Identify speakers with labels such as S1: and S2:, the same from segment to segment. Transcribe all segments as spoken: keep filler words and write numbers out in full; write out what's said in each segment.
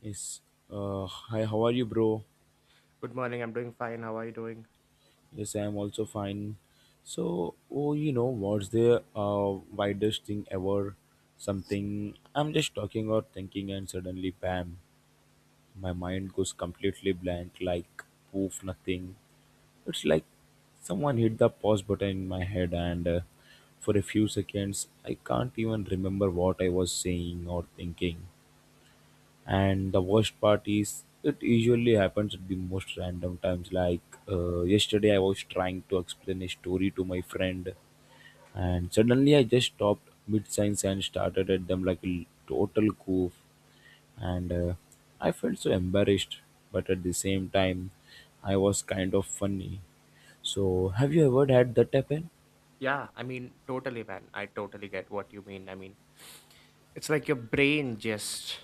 S1: Yes. Uh, hi, how are you, bro?
S2: Good morning. I'm doing fine. How are you doing?
S1: Yes, I am also fine. So, oh, you know, what's the uh, widest thing ever? Something I'm just talking or thinking, and suddenly, bam, my mind goes completely blank, like poof, nothing. It's like someone hit the pause button in my head, and uh, for a few seconds, I can't even remember what I was saying or thinking. And the worst part is it usually happens at the most random times, like uh, yesterday I was trying to explain a story to my friend, and suddenly I just stopped mid-sentence and started at them like a total goof. And uh, I felt so embarrassed, but at the same time I was kind of funny. So have you ever had that happen?
S2: Yeah, I mean, totally, man. I totally get what you mean. I mean, it's like your brain just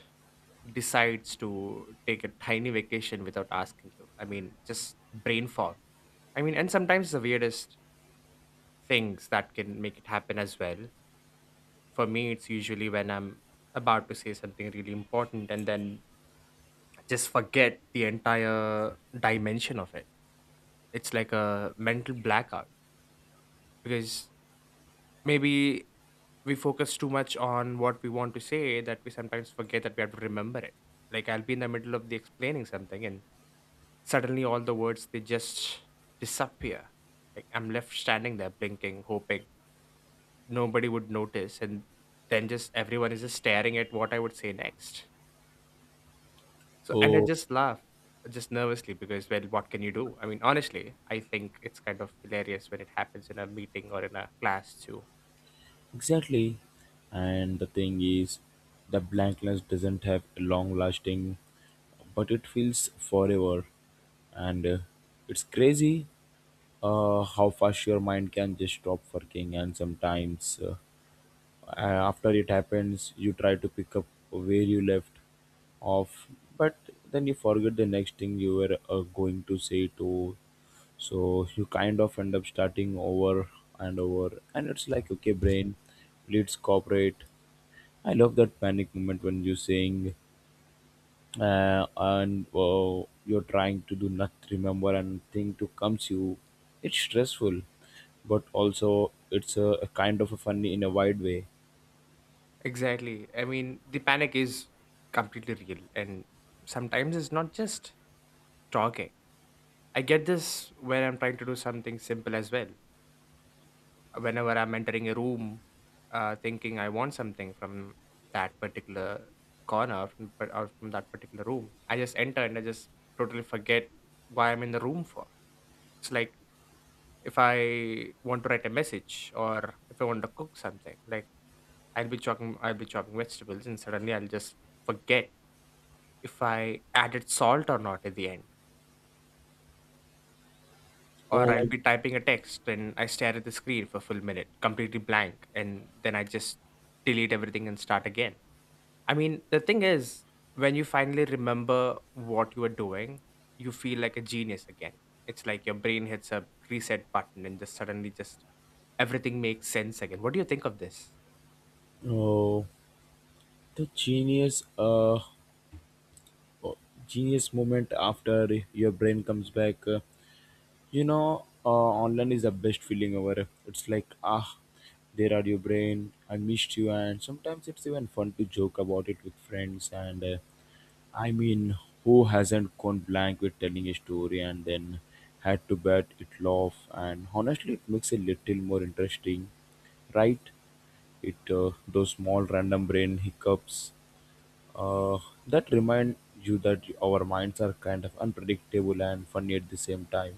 S2: decides to take a tiny vacation without asking you. I mean, just brain fog. I mean, and sometimes the weirdest things that can make it happen as well. For me, it's usually when I'm about to say something really important and then just forget the entire dimension of it. It's like a mental blackout because maybe we focus too much on what we want to say that we sometimes forget that we have to remember it. Like I'll be in the middle of the explaining something and suddenly all the words they just disappear. Like I'm left standing there blinking, hoping nobody would notice and then just everyone is just staring at what I would say next. So and I
S1: Oh.
S2: just laugh just nervously because well what can you do? I mean, honestly, I think it's kind of hilarious when it happens in a meeting or in a class too.
S1: Exactly. And the thing is, the blankness doesn't have a long lasting, but it feels forever. And uh, it's crazy uh, how fast your mind can just stop working. And sometimes, uh, uh, after it happens, you try to pick up where you left off, but then you forget the next thing you were uh, going to say to. So you kind of end up starting over and over, and it's like, okay brain, please cooperate. I love that panic moment when you sing, uh, and uh, you're trying to do not remember and thing to comes you. It's stressful, but also it's a, a kind of a funny in a wide way.
S2: Exactly. I mean, the panic is completely real, and sometimes it's not just talking. I get this when I'm trying to do something simple as well. Whenever I'm entering a room, uh, thinking I want something from that particular corner from, or from that particular room, I just enter and I just totally forget why I'm in the room for. It's like if I want to write a message or if I want to cook something, like I'll be chopping, I'll be chopping vegetables, and suddenly I'll just forget if I added salt or not at the end. Or
S1: Oh
S2: I'll
S1: my.
S2: be typing a text and I stare at the screen for a full minute, completely blank, and then I just delete everything and start again. I mean, the thing is, when you finally remember what you were doing, you feel like a genius again. It's like your brain hits a reset button and just suddenly just everything makes sense again. What do you think of this?
S1: Oh, the genius uh oh, genius moment after your brain comes back. Uh, you know, uh, online is the best feeling ever. It's like, ah, there are your brain, I missed you. And sometimes it's even fun to joke about it with friends, and uh, I mean, who hasn't gone blank with telling a story and then had to bet it laugh. And honestly, it makes it little more interesting, right? It uh, those small random brain hiccups uh, that remind you that our minds are kind of unpredictable and funny at the same time.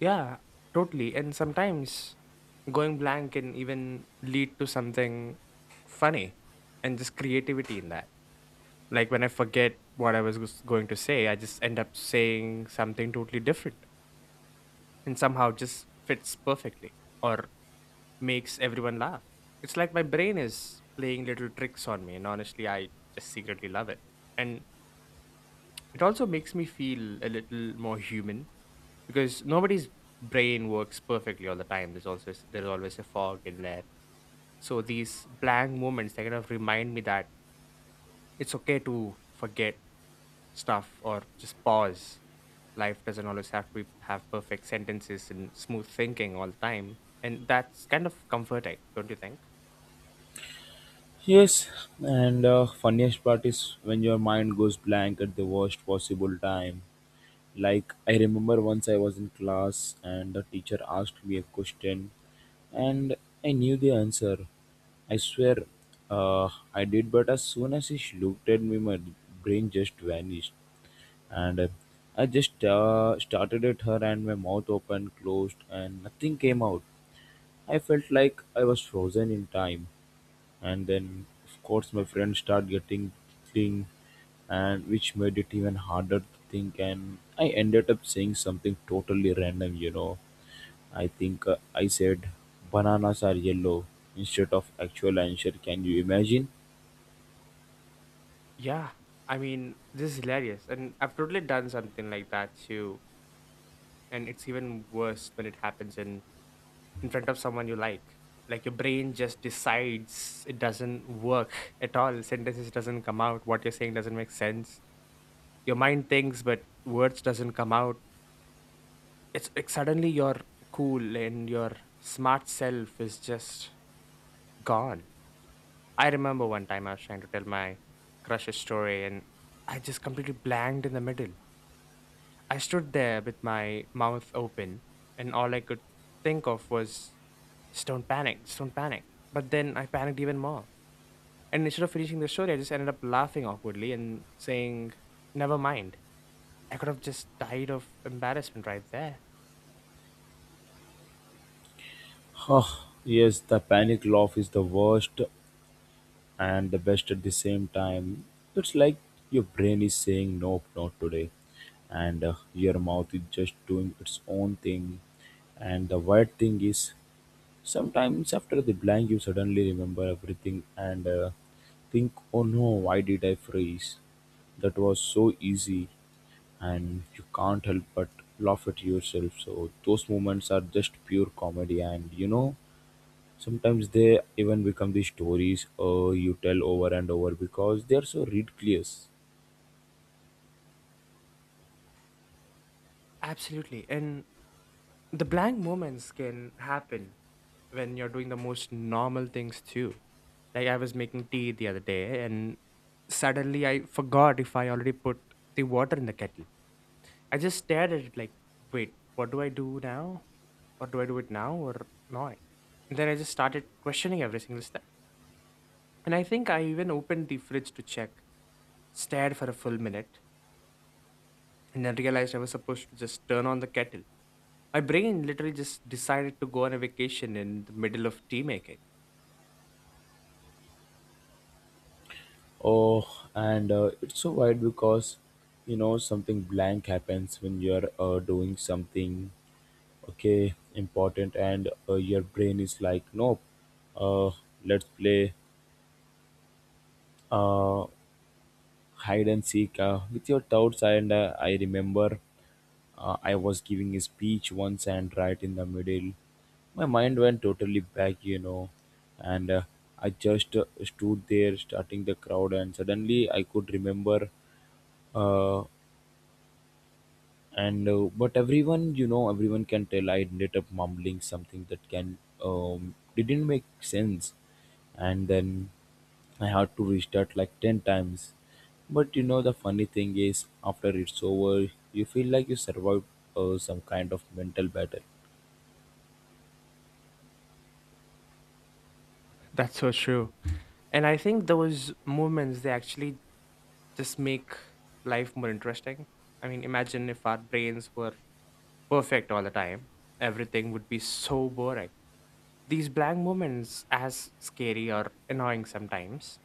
S2: Yeah, totally. And sometimes going blank can even lead to something funny and just creativity in that. Like when I forget what I was gus- going to say, I just end up saying something totally different and somehow just fits perfectly or makes everyone laugh. It's like my brain is playing little tricks on me, and honestly, I just secretly love it. And it also makes me feel a little more human because nobody's brain works perfectly all the time, there's also there's always a fog in there. So these blank moments, they kind of remind me that it's okay to forget stuff or just pause. Life doesn't always have to be, have perfect sentences and smooth thinking all the time, and that's kind of comforting, don't you think?
S1: Yes, and uh, funniest part is when your mind goes blank at the worst possible time. Like I remember once I was in class and the teacher asked me a question, and I knew the answer. I swear, uh, I did, but as soon as she looked at me, my brain just vanished, and uh, I just uh, started at her, and my mouth opened, closed, and nothing came out. I felt like I was frozen in time. And then, of course, my friends start getting thing, and which made it even harder to think. And I ended up saying something totally random. You know, I think uh, I said bananas are yellow instead of actual answer. Can you imagine?
S2: Yeah, I mean this is hilarious and I've totally done something like that too. And it's even worse when it happens in in front of someone you like like your brain just decides it doesn't work at all, sentences doesn't come out, what you're saying doesn't make sense, your mind thinks but words doesn't come out. It's like suddenly you're cool and your smart self is just gone. I remember one time I was trying to tell my crush's story and I just completely blanked in the middle. I stood there with my mouth open, and all I could think of was, just don't panic, just don't panic. But then I panicked even more. And instead of finishing the story, I just ended up laughing awkwardly and saying, never mind. I could have just died of embarrassment right there.
S1: Oh yes, the panic laugh is the worst and the best at the same time. It's like your brain is saying nope, not today, and uh, your mouth is just doing its own thing. And the weird thing is, sometimes after the blank, you suddenly remember everything and uh, think, oh no, why did I freeze? That was so easy, and you can't help but laugh at yourself. So those moments are just pure comedy, and you know, sometimes they even become the stories uh, you tell over and over because they are so ridiculous.
S2: Absolutely. And the blank moments can happen when you're doing the most normal things too. Like I was making tea the other day, and suddenly I forgot if I already put the water in the kettle. I just stared at it like, wait, what do I do now? Or do I do it now or not? And then I just started questioning every single step. And I think I even opened the fridge to check, stared for a full minute, and then realized I was supposed to just turn on the kettle. My brain literally just decided to go on a vacation in the middle of tea making.
S1: Oh, and uh, it's so wild because you know something blank happens when you're uh, doing something okay important, and uh, your brain is like nope, uh, let's play uh, hide and seek uh, with your doubts. And uh, I remember uh, I was giving a speech once, and right in the middle my mind went totally back, you know, and uh, I just uh, stood there starting the crowd, and suddenly I could remember uh, and uh, But everyone, you know, everyone can tell I ended up mumbling something that can um, didn't make sense. And then I had to restart like ten times. But you know, the funny thing is after it's over you feel like you survived uh, some kind of mental battle.
S2: That's so true. And I think those movements, they actually just make life more interesting. I mean, imagine if our brains were perfect all the time, everything would be so boring. These blank moments, as scary or annoying sometimes,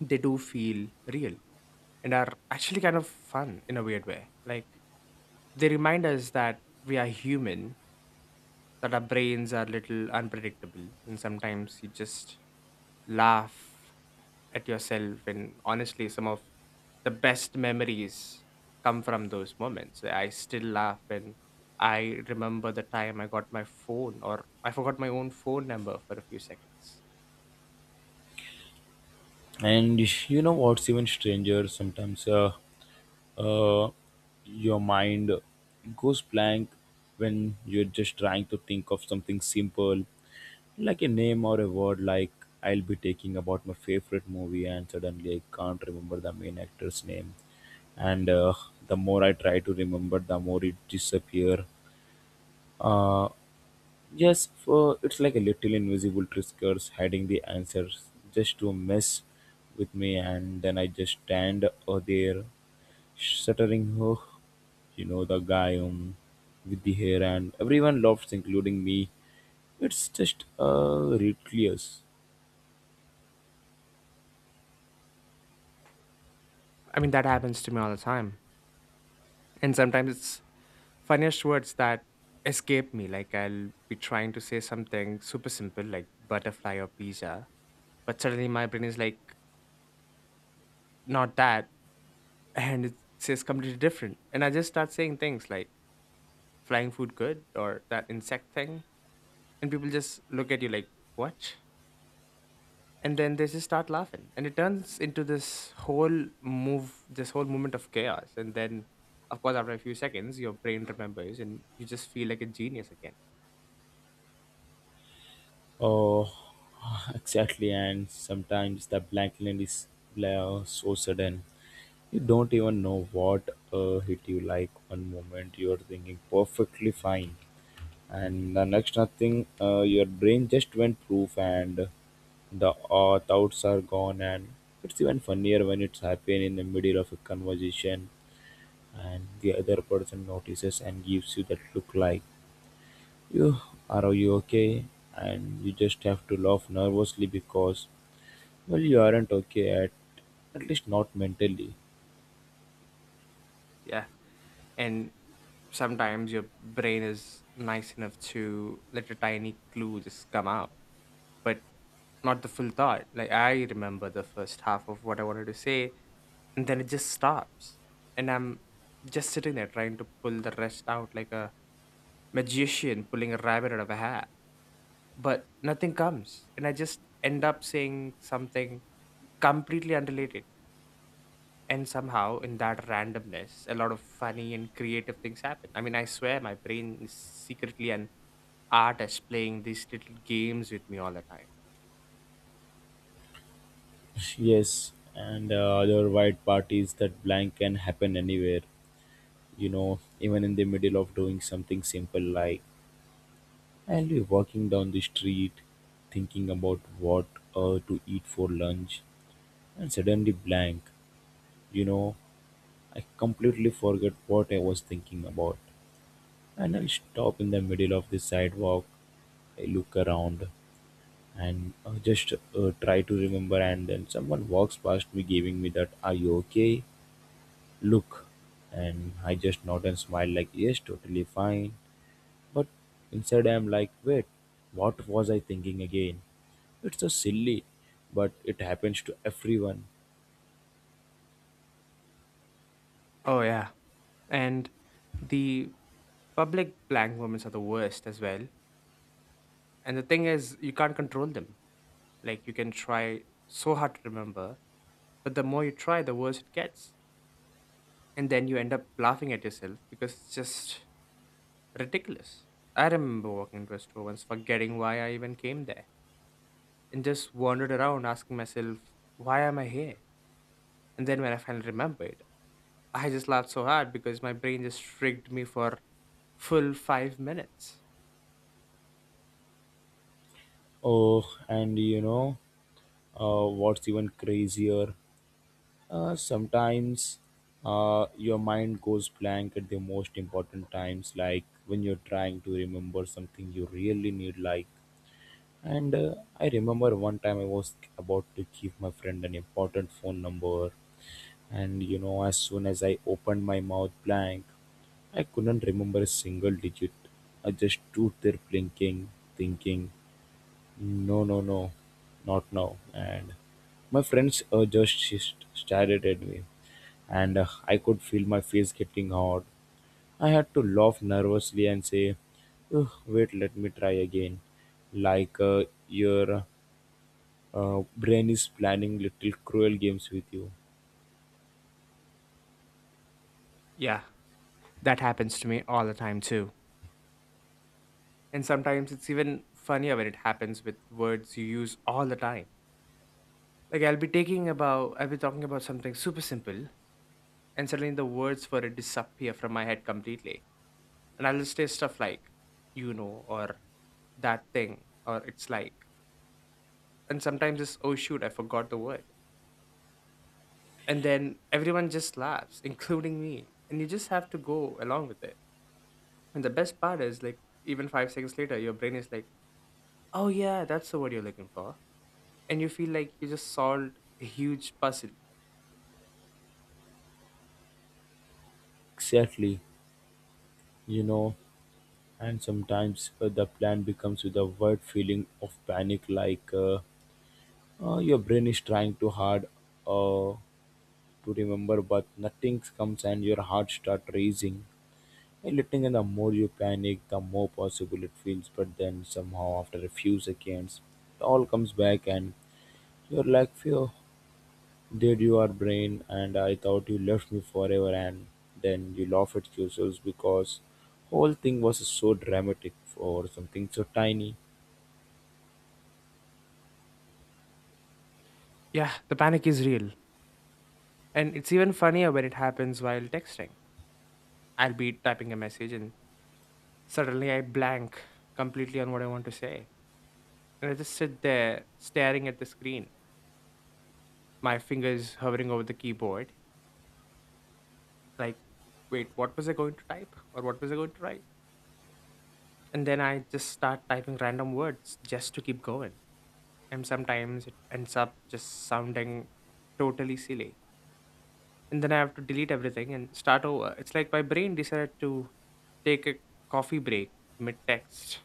S2: they do feel real and are actually kind of fun in a weird way. Like, they remind us that we are human, that our brains are little unpredictable, and sometimes you just laugh at yourself. And honestly, some of the best memories come from those moments. I still laugh when I remember the time I got my phone or I forgot my own phone number for a few seconds.
S1: And you know what's even stranger? Sometimes uh, uh, your mind goes blank when you're just trying to think of something simple, like a name or a word. Like I'll be thinking about my favorite movie, and suddenly I can't remember the main actor's name. And uh, the more I try to remember, the more it disappears. Yes, for it's like a little invisible tricksters hiding the answers just to mess with me, and then I just stand uh, there, stuttering. Oh, you know the guy um, with the hair, and everyone laughs, including me. It's just uh, ridiculous.
S2: I mean, that happens to me all the time. And sometimes it's funniest words that escape me. Like I'll be trying to say something super simple, like butterfly or pizza, but suddenly my brain is like, not that. And it says completely different. And I just start saying things like, flying food good or that insect thing, and people just look at you like what. And then they just start laughing and it turns into this whole move this whole moment of chaos. And then of course after a few seconds your brain remembers and you just feel like a genius again.
S1: Oh, exactly. And sometimes the blanking is bla- so sudden. You don't even know what uh, hit you, like, one moment you are thinking perfectly fine and the next nothing. Uh, your brain just went proof, and the uh, doubts are gone. And it's even funnier when it's happening in the middle of a conversation, and the other person notices and gives you that look like, you, are you okay? And you just have to laugh nervously because, well, you aren't okay, at at least not mentally.
S2: Yeah, and sometimes your brain is nice enough to let a tiny clue just come out, but not the full thought. Like I remember the first half of what I wanted to say and then it just stops, and I'm just sitting there trying to pull the rest out like a magician pulling a rabbit out of a hat. But nothing comes and I just end up saying something completely unrelated. And somehow in that randomness a lot of funny and creative things happen. I mean, I swear my brain is secretly an artist playing these little games with me all the time.
S1: Yes, and uh, other white parties that blank can happen anywhere, you know, even in the middle of doing something simple. Like I'll be walking down the street thinking about what uh, to eat for lunch, and suddenly blank, you know, I completely forget what I was thinking about. And I'll stop in the middle of the sidewalk, I look around and uh, just uh, try to remember. And then someone walks past me giving me that are you okay look, and I just nod and smile like yes totally fine. But inside I'm like, wait, what was I thinking again? It's so silly, but it happens to everyone.
S2: Oh yeah, and the public blank moments are the worst as well. And the thing is you can't control them. Like you can try so hard to remember, but the more you try, the worse it gets. And then you end up laughing at yourself because it's just ridiculous. I remember walking into a store once, forgetting why I even came there, and just wandered around asking myself, why am I here? And then when I finally remembered, I just laughed so hard because my brain just tricked me for full five minutes.
S1: Oh, and you know, uh, what's even crazier? Uh, sometimes uh, your mind goes blank at the most important times, like when you're trying to remember something you really need, like. And uh, I remember one time I was about to give my friend an important phone number, and you know, as soon as I opened my mouth blank, I couldn't remember a single digit. I just stood there blinking, thinking, no, no, no, not now. And my friends uh, just sh- stared at me, and uh, I could feel my face getting hot. I had to laugh nervously and say, "Ugh, wait, let me try again." Like uh, your uh, brain is planning little cruel games with you.
S2: Yeah, that happens to me all the time too. And sometimes it's even funnier when it happens with words you use all the time. Like I'll be taking about I'll be talking about something super simple and suddenly the words for it disappear from my head completely. And I'll just say stuff like, you know, or that thing, or it's like. And sometimes it's oh shoot, I forgot the word. And then everyone just laughs, including me. And you just have to go along with it. And the best part is like even five seconds later, your brain is like, oh yeah, that's the word you're looking for. And you feel like you just solved a huge puzzle.
S1: Exactly, you know. And sometimes uh, the plan becomes with a word feeling of panic, like, uh, uh, your brain is trying too hard uh, to remember, but nothing comes and your heart starts racing. And letting, and the more you panic, the more possible it feels. But then somehow, after a few seconds, it all comes back, and you're like, "Phew, did you are brain?" And I thought you left me forever. And then you laugh at yourselves because whole thing was so dramatic for something so tiny.
S2: Yeah, the panic is real. And it's even funnier when it happens while texting. I'll be typing a message and suddenly I blank completely on what I want to say. And I just sit there staring at the screen, my fingers hovering over the keyboard. Like, wait, what was I going to type? Or what was I going to write? And then I just start typing random words just to keep going. And sometimes it ends up just sounding totally silly. And then I have to delete everything and start over. It's like my brain decided to take a coffee break mid text.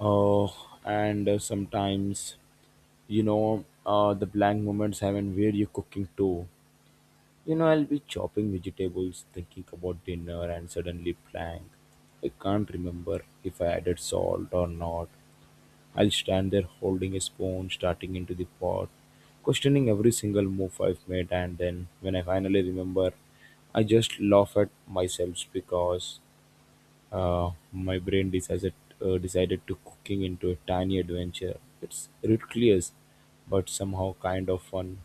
S1: Uh, and uh, sometimes, you know, uh, the blank moments happen where you're cooking too. You know, I'll be chopping vegetables thinking about dinner, and suddenly blank, I can't remember if I added salt or not. I'll stand there holding a spoon starting into the pot, questioning every single move I've made. And then when I finally remember, I just laugh at myself because uh, my brain decided uh, decided to cooking into a tiny adventure. It's ridiculous, but somehow kind of fun.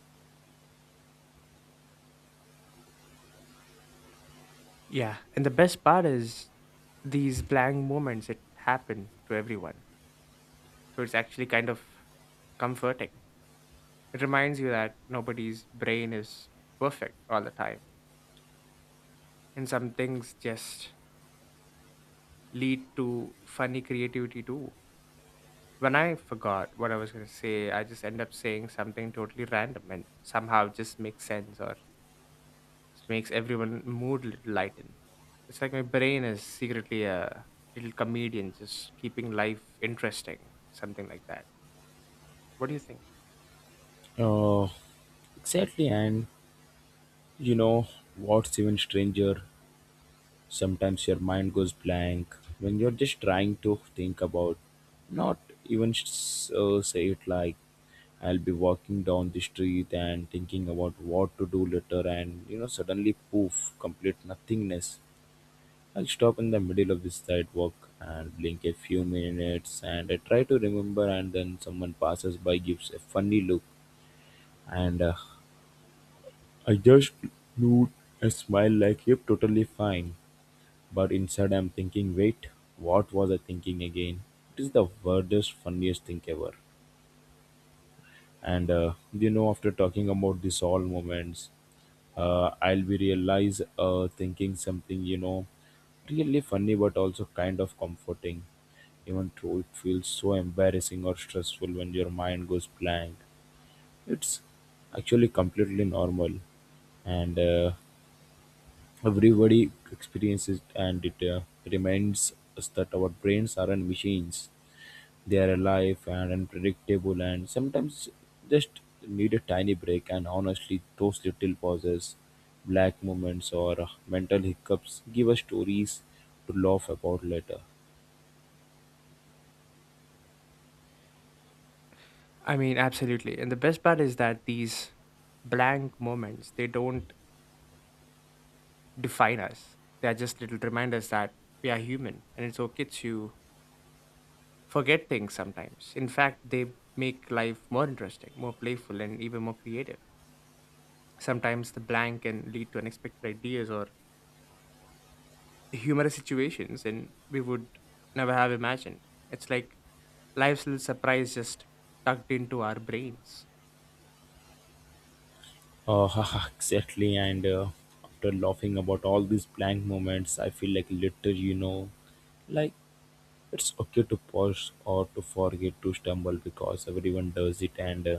S2: Yeah, and the best part is these blank moments it happen to everyone. So it's actually kind of comforting. It reminds you that nobody's brain is perfect all the time. And some things just lead to funny creativity too. When I forgot what I was going to say, I just end up saying something totally random and somehow it just makes sense, or just makes everyone mood little lighten. It's like my brain is secretly a little comedian, just keeping life interesting, something like that. What do you think?
S1: Uh, exactly, and you know what's even stranger? Sometimes your mind goes blank when you're just trying to think about, not even s- uh, say it, like. I'll be walking down the street and thinking about what to do later, and you know, suddenly poof, complete nothingness. I'll stop in the middle of this sidewalk and blink a few minutes, and I try to remember. And then someone passes by, gives a funny look, and uh, I just look and smile like yep totally fine. But inside I'm thinking, wait, what was I thinking again? It is the weirdest funniest thing ever. And uh, you know, after talking about this all moments, uh, I'll be realize uh, thinking something, you know, really funny but also kind of comforting. Even though it feels so embarrassing or stressful when your mind goes blank, it's actually completely normal, and uh, everybody experiences it. And it uh, reminds us that our brains aren't machines. They are alive and unpredictable, and sometimes just need a tiny break. And honestly, those little pauses, black moments, or uh, mental hiccups give us stories to laugh about later.
S2: I mean, absolutely. And the best part is that these blank moments, they don't define us. They are just little reminders that we are human and it's okay to forget things sometimes. In fact, they make life more interesting, more playful, and even more creative. Sometimes the blank can lead to unexpected ideas or humorous situations and we would never have imagined. It's like life's little surprise just tucked into our brains.
S1: Oh, exactly. And uh, After laughing about all these blank moments, I feel like little, you know, like it's okay to pause or to forget to stumble because everyone does it, and uh,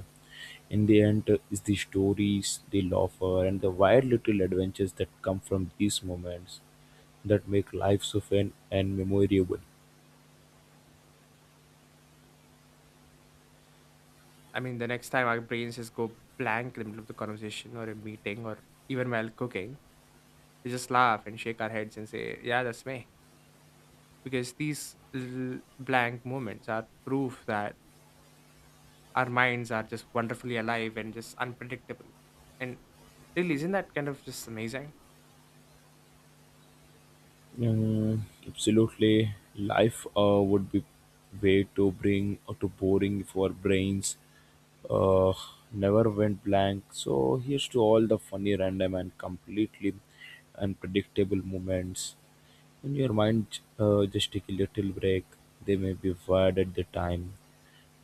S1: in the end uh, is the stories, the laughter, and the wild little adventures that come from these moments that make life so fun and memorable.
S2: I mean, the next time our brains just go blank in the middle of the conversation or a meeting or even while cooking, we just laugh and shake our heads and say, "Yeah, that's me." Because these little blank moments are proof that our minds are just wonderfully alive and just unpredictable. And really, isn't that kind of just amazing?
S1: Mm, absolutely, life uh, would be way to bring or to boring for brains. Uh, Never went blank. So here's to all the funny, random, and completely unpredictable moments in your mind. Uh, just take a little break. They may be wired at the time,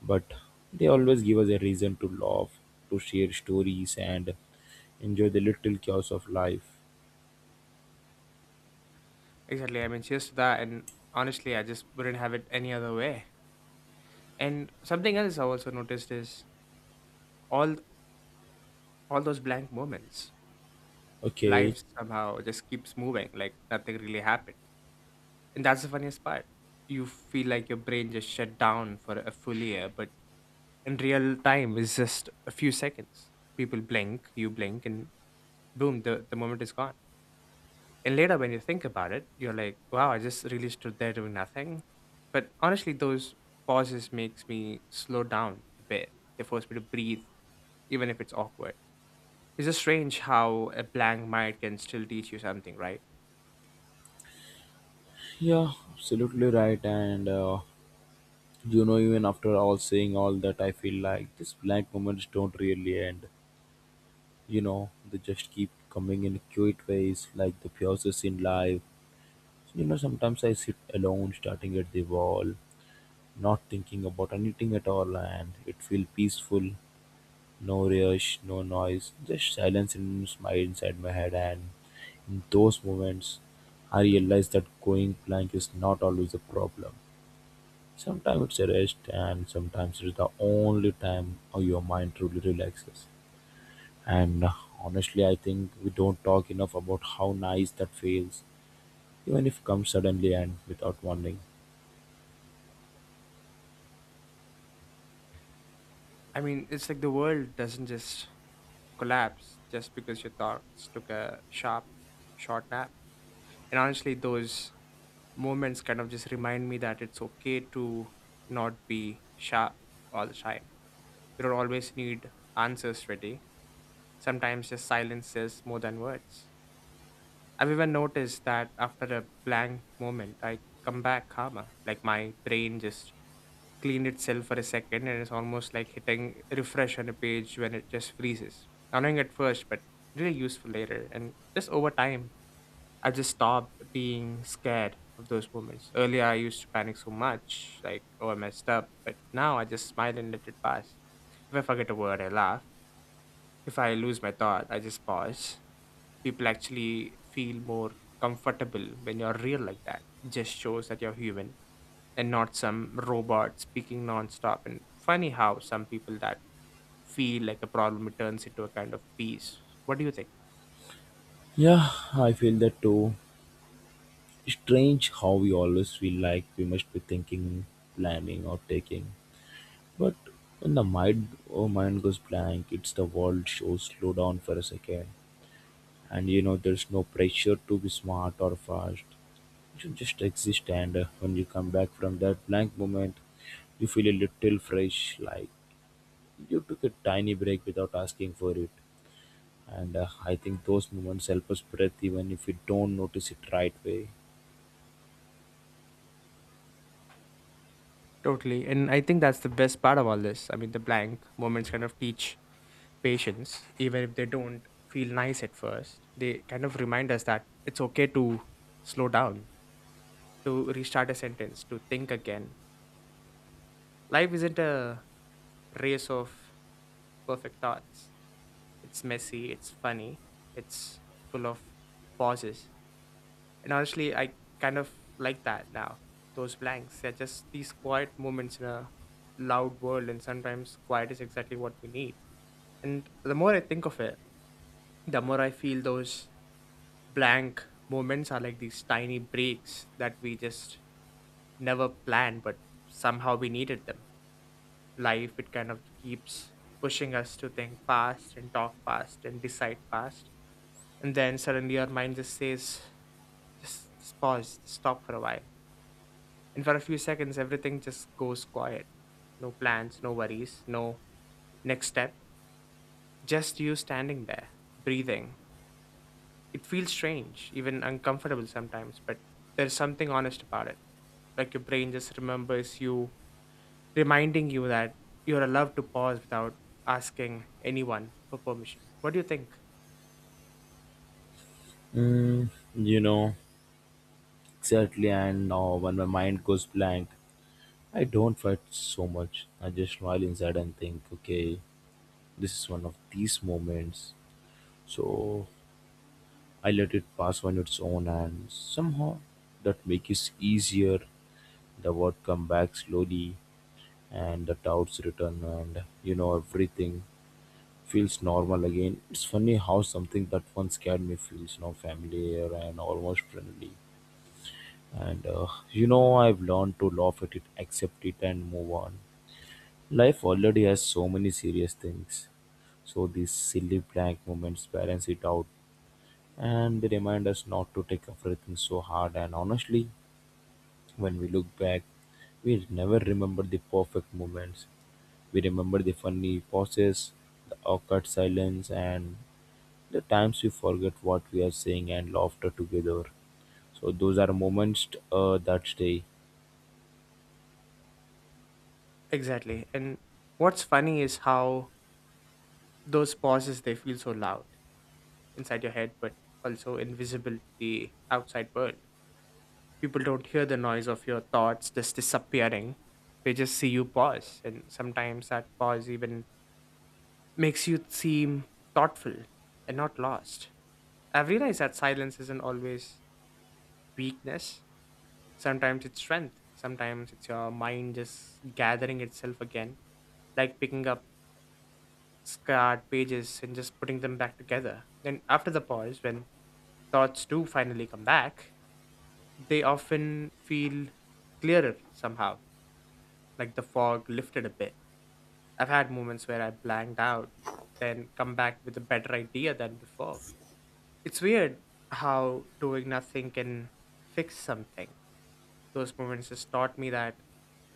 S1: but they always give us a reason to laugh, to share stories, and enjoy the little chaos of life.
S2: Exactly. I mean, cheers to that. And honestly, I just wouldn't have it any other way. And something else I also noticed is all all those blank moments.
S1: Okay.
S2: Life somehow just keeps moving, like nothing really happened. And that's the funniest part. You feel like your brain just shut down for a full year, but in real time it's just a few seconds. People blink, you blink, and boom, the, the moment is gone. And later when you think about it, you're like, wow, I just really stood there doing nothing. But honestly, those pauses makes me slow down a bit. They force me to breathe, even if it's awkward. It's just strange how a blank mind can still teach you something, right?
S1: Yeah, absolutely right. And uh, You know, even after all saying all that, I feel like these blank moments don't really end. You know, they just keep coming in cute ways, like the pauses in life. So, you know, sometimes I sit alone, starting at the wall, not thinking about anything at all, and it feels peaceful. No rush, no noise, just silence and smile inside my head. And in those moments, I realize that going blank is not always a problem. Sometimes it's a rest, and sometimes it's the only time your mind truly relaxes. And uh, Honestly, I think we don't talk enough about how nice that feels, even if it comes suddenly and without warning.
S2: I mean, it's like the world doesn't just collapse just because your thoughts took a sharp, short nap. And honestly, those moments kind of just remind me that it's okay to not be sharp all the time. We don't always need answers ready. Sometimes just silence says more than words. I've even noticed that after a blank moment, I come back calmer. Like my brain just clean itself for a second, and it's almost like hitting refresh on a page when it just freezes. Annoying at first, but really useful later. And just over time, I just stopped being scared of those moments. Earlier, I used to panic so much, like, oh, I messed up. But now I just smile and let it pass. If I forget a word, I laugh. If I lose my thought, I just pause. People actually feel more comfortable when you're real like that. It just shows that you're human and not some robot speaking nonstop. And funny how some people that feel like a problem it turns into a kind of peace. What do you think?
S1: Yeah, I feel that too. Strange how we always feel like we must be thinking, planning, or taking. But when the mind, oh, mind goes blank, it's the world shows slow down for a second. And you know, there's no pressure to be smart or fast. You just exist, and uh, when you come back from that blank moment, you feel a little fresh, like you took a tiny break without asking for it. And uh, I think those moments help us breathe even if we don't notice it right away.
S2: Totally. And I think that's the best part of all this. I mean, the blank moments kind of teach patience, even if they don't feel nice at first. They kind of remind us that it's okay to slow down, to restart a sentence, to think again. Life isn't a race of perfect thoughts. It's messy, it's funny, it's full of pauses. And honestly, I kind of like that now. Those blanks, they're just these quiet moments in a loud world, and sometimes quiet is exactly what we need. And the more I think of it, the more I feel those blank moments are like these tiny breaks that we just never planned, but somehow we needed them. Life, it kind of keeps pushing us to think fast and talk fast and decide fast. And then suddenly our mind just says, just, just pause, just stop for a while. And for a few seconds, everything just goes quiet. No plans, no worries, no next step. Just you standing there, breathing. It feels strange, even uncomfortable sometimes, but there's something honest about it. Like your brain just remembers you, reminding you that you're allowed to pause without asking anyone for permission. What do you think?
S1: Mm, you know, exactly. And now when my mind goes blank, I don't fight so much. I just smile inside and think, okay, this is one of these moments. So I let it pass on its own, and somehow that makes it easier. The word come back slowly, and the doubts return, and you know everything feels normal again. It's funny how something that once scared me feels now familiar and almost friendly. And uh, You know, I've learned to laugh at it, accept it, and move on. Life already has so many serious things, so these silly blank moments balance it out, and they remind us not to take everything so hard. And honestly, when we look back, we never remember the perfect moments. We remember the funny pauses, the awkward silence, and the times we forget what we are saying and laughter together. So those are moments uh, that stay.
S2: Exactly. And what's funny is how those pauses they feel so loud inside your head, but also invisible to the outside world. People don't hear the noise of your thoughts just disappearing. They just see you pause, and sometimes that pause even makes you seem thoughtful and not lost. I've realized that silence isn't always weakness. Sometimes it's strength. Sometimes it's your mind just gathering itself again, like picking up scarred pages and just putting them back together. And after the pause, when thoughts do finally come back, they often feel clearer somehow, like the fog lifted a bit. I've had moments where I blanked out, then come back with a better idea than before. It's weird how doing nothing can fix something. Those moments just taught me that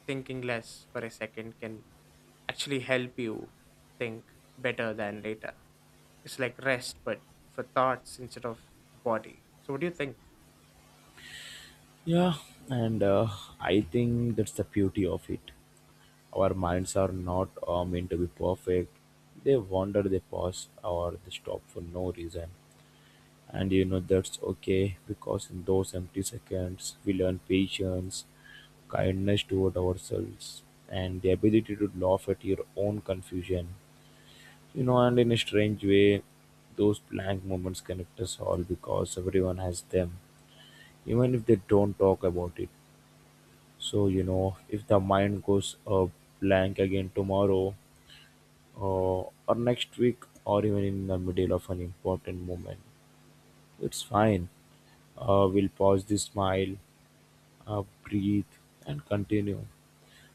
S2: thinking less for a second can actually help you think better than later. It's like rest, but for thoughts instead of the body. So, what do you think?
S1: Yeah, and uh, I think that's the beauty of it. Our minds are not uh, meant to be perfect. They wander, they pause, or they stop for no reason. And you know that's okay, because in those empty seconds we learn patience, kindness toward ourselves, and the ability to laugh at your own confusion. You know, and in a strange way, those blank moments connect us all because everyone has them, even if they don't talk about it. So, you know, if the mind goes uh, blank again tomorrow uh, or next week or even in the middle of an important moment, it's fine. Uh, we'll pause the smile, uh, breathe, and continue.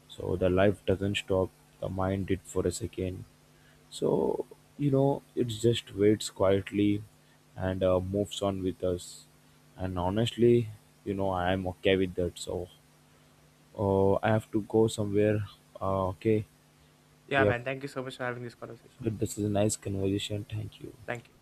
S1: So the life doesn't stop. The mind did for a second. So you know, it just waits quietly and uh, moves on with us. And honestly, you know, I am okay with that. So uh, I have to go somewhere. Uh, okay,
S2: Yeah,
S1: we have.
S2: man, thank you so much for having this conversation.
S1: But this is a nice conversation. Thank you.
S2: Thank you.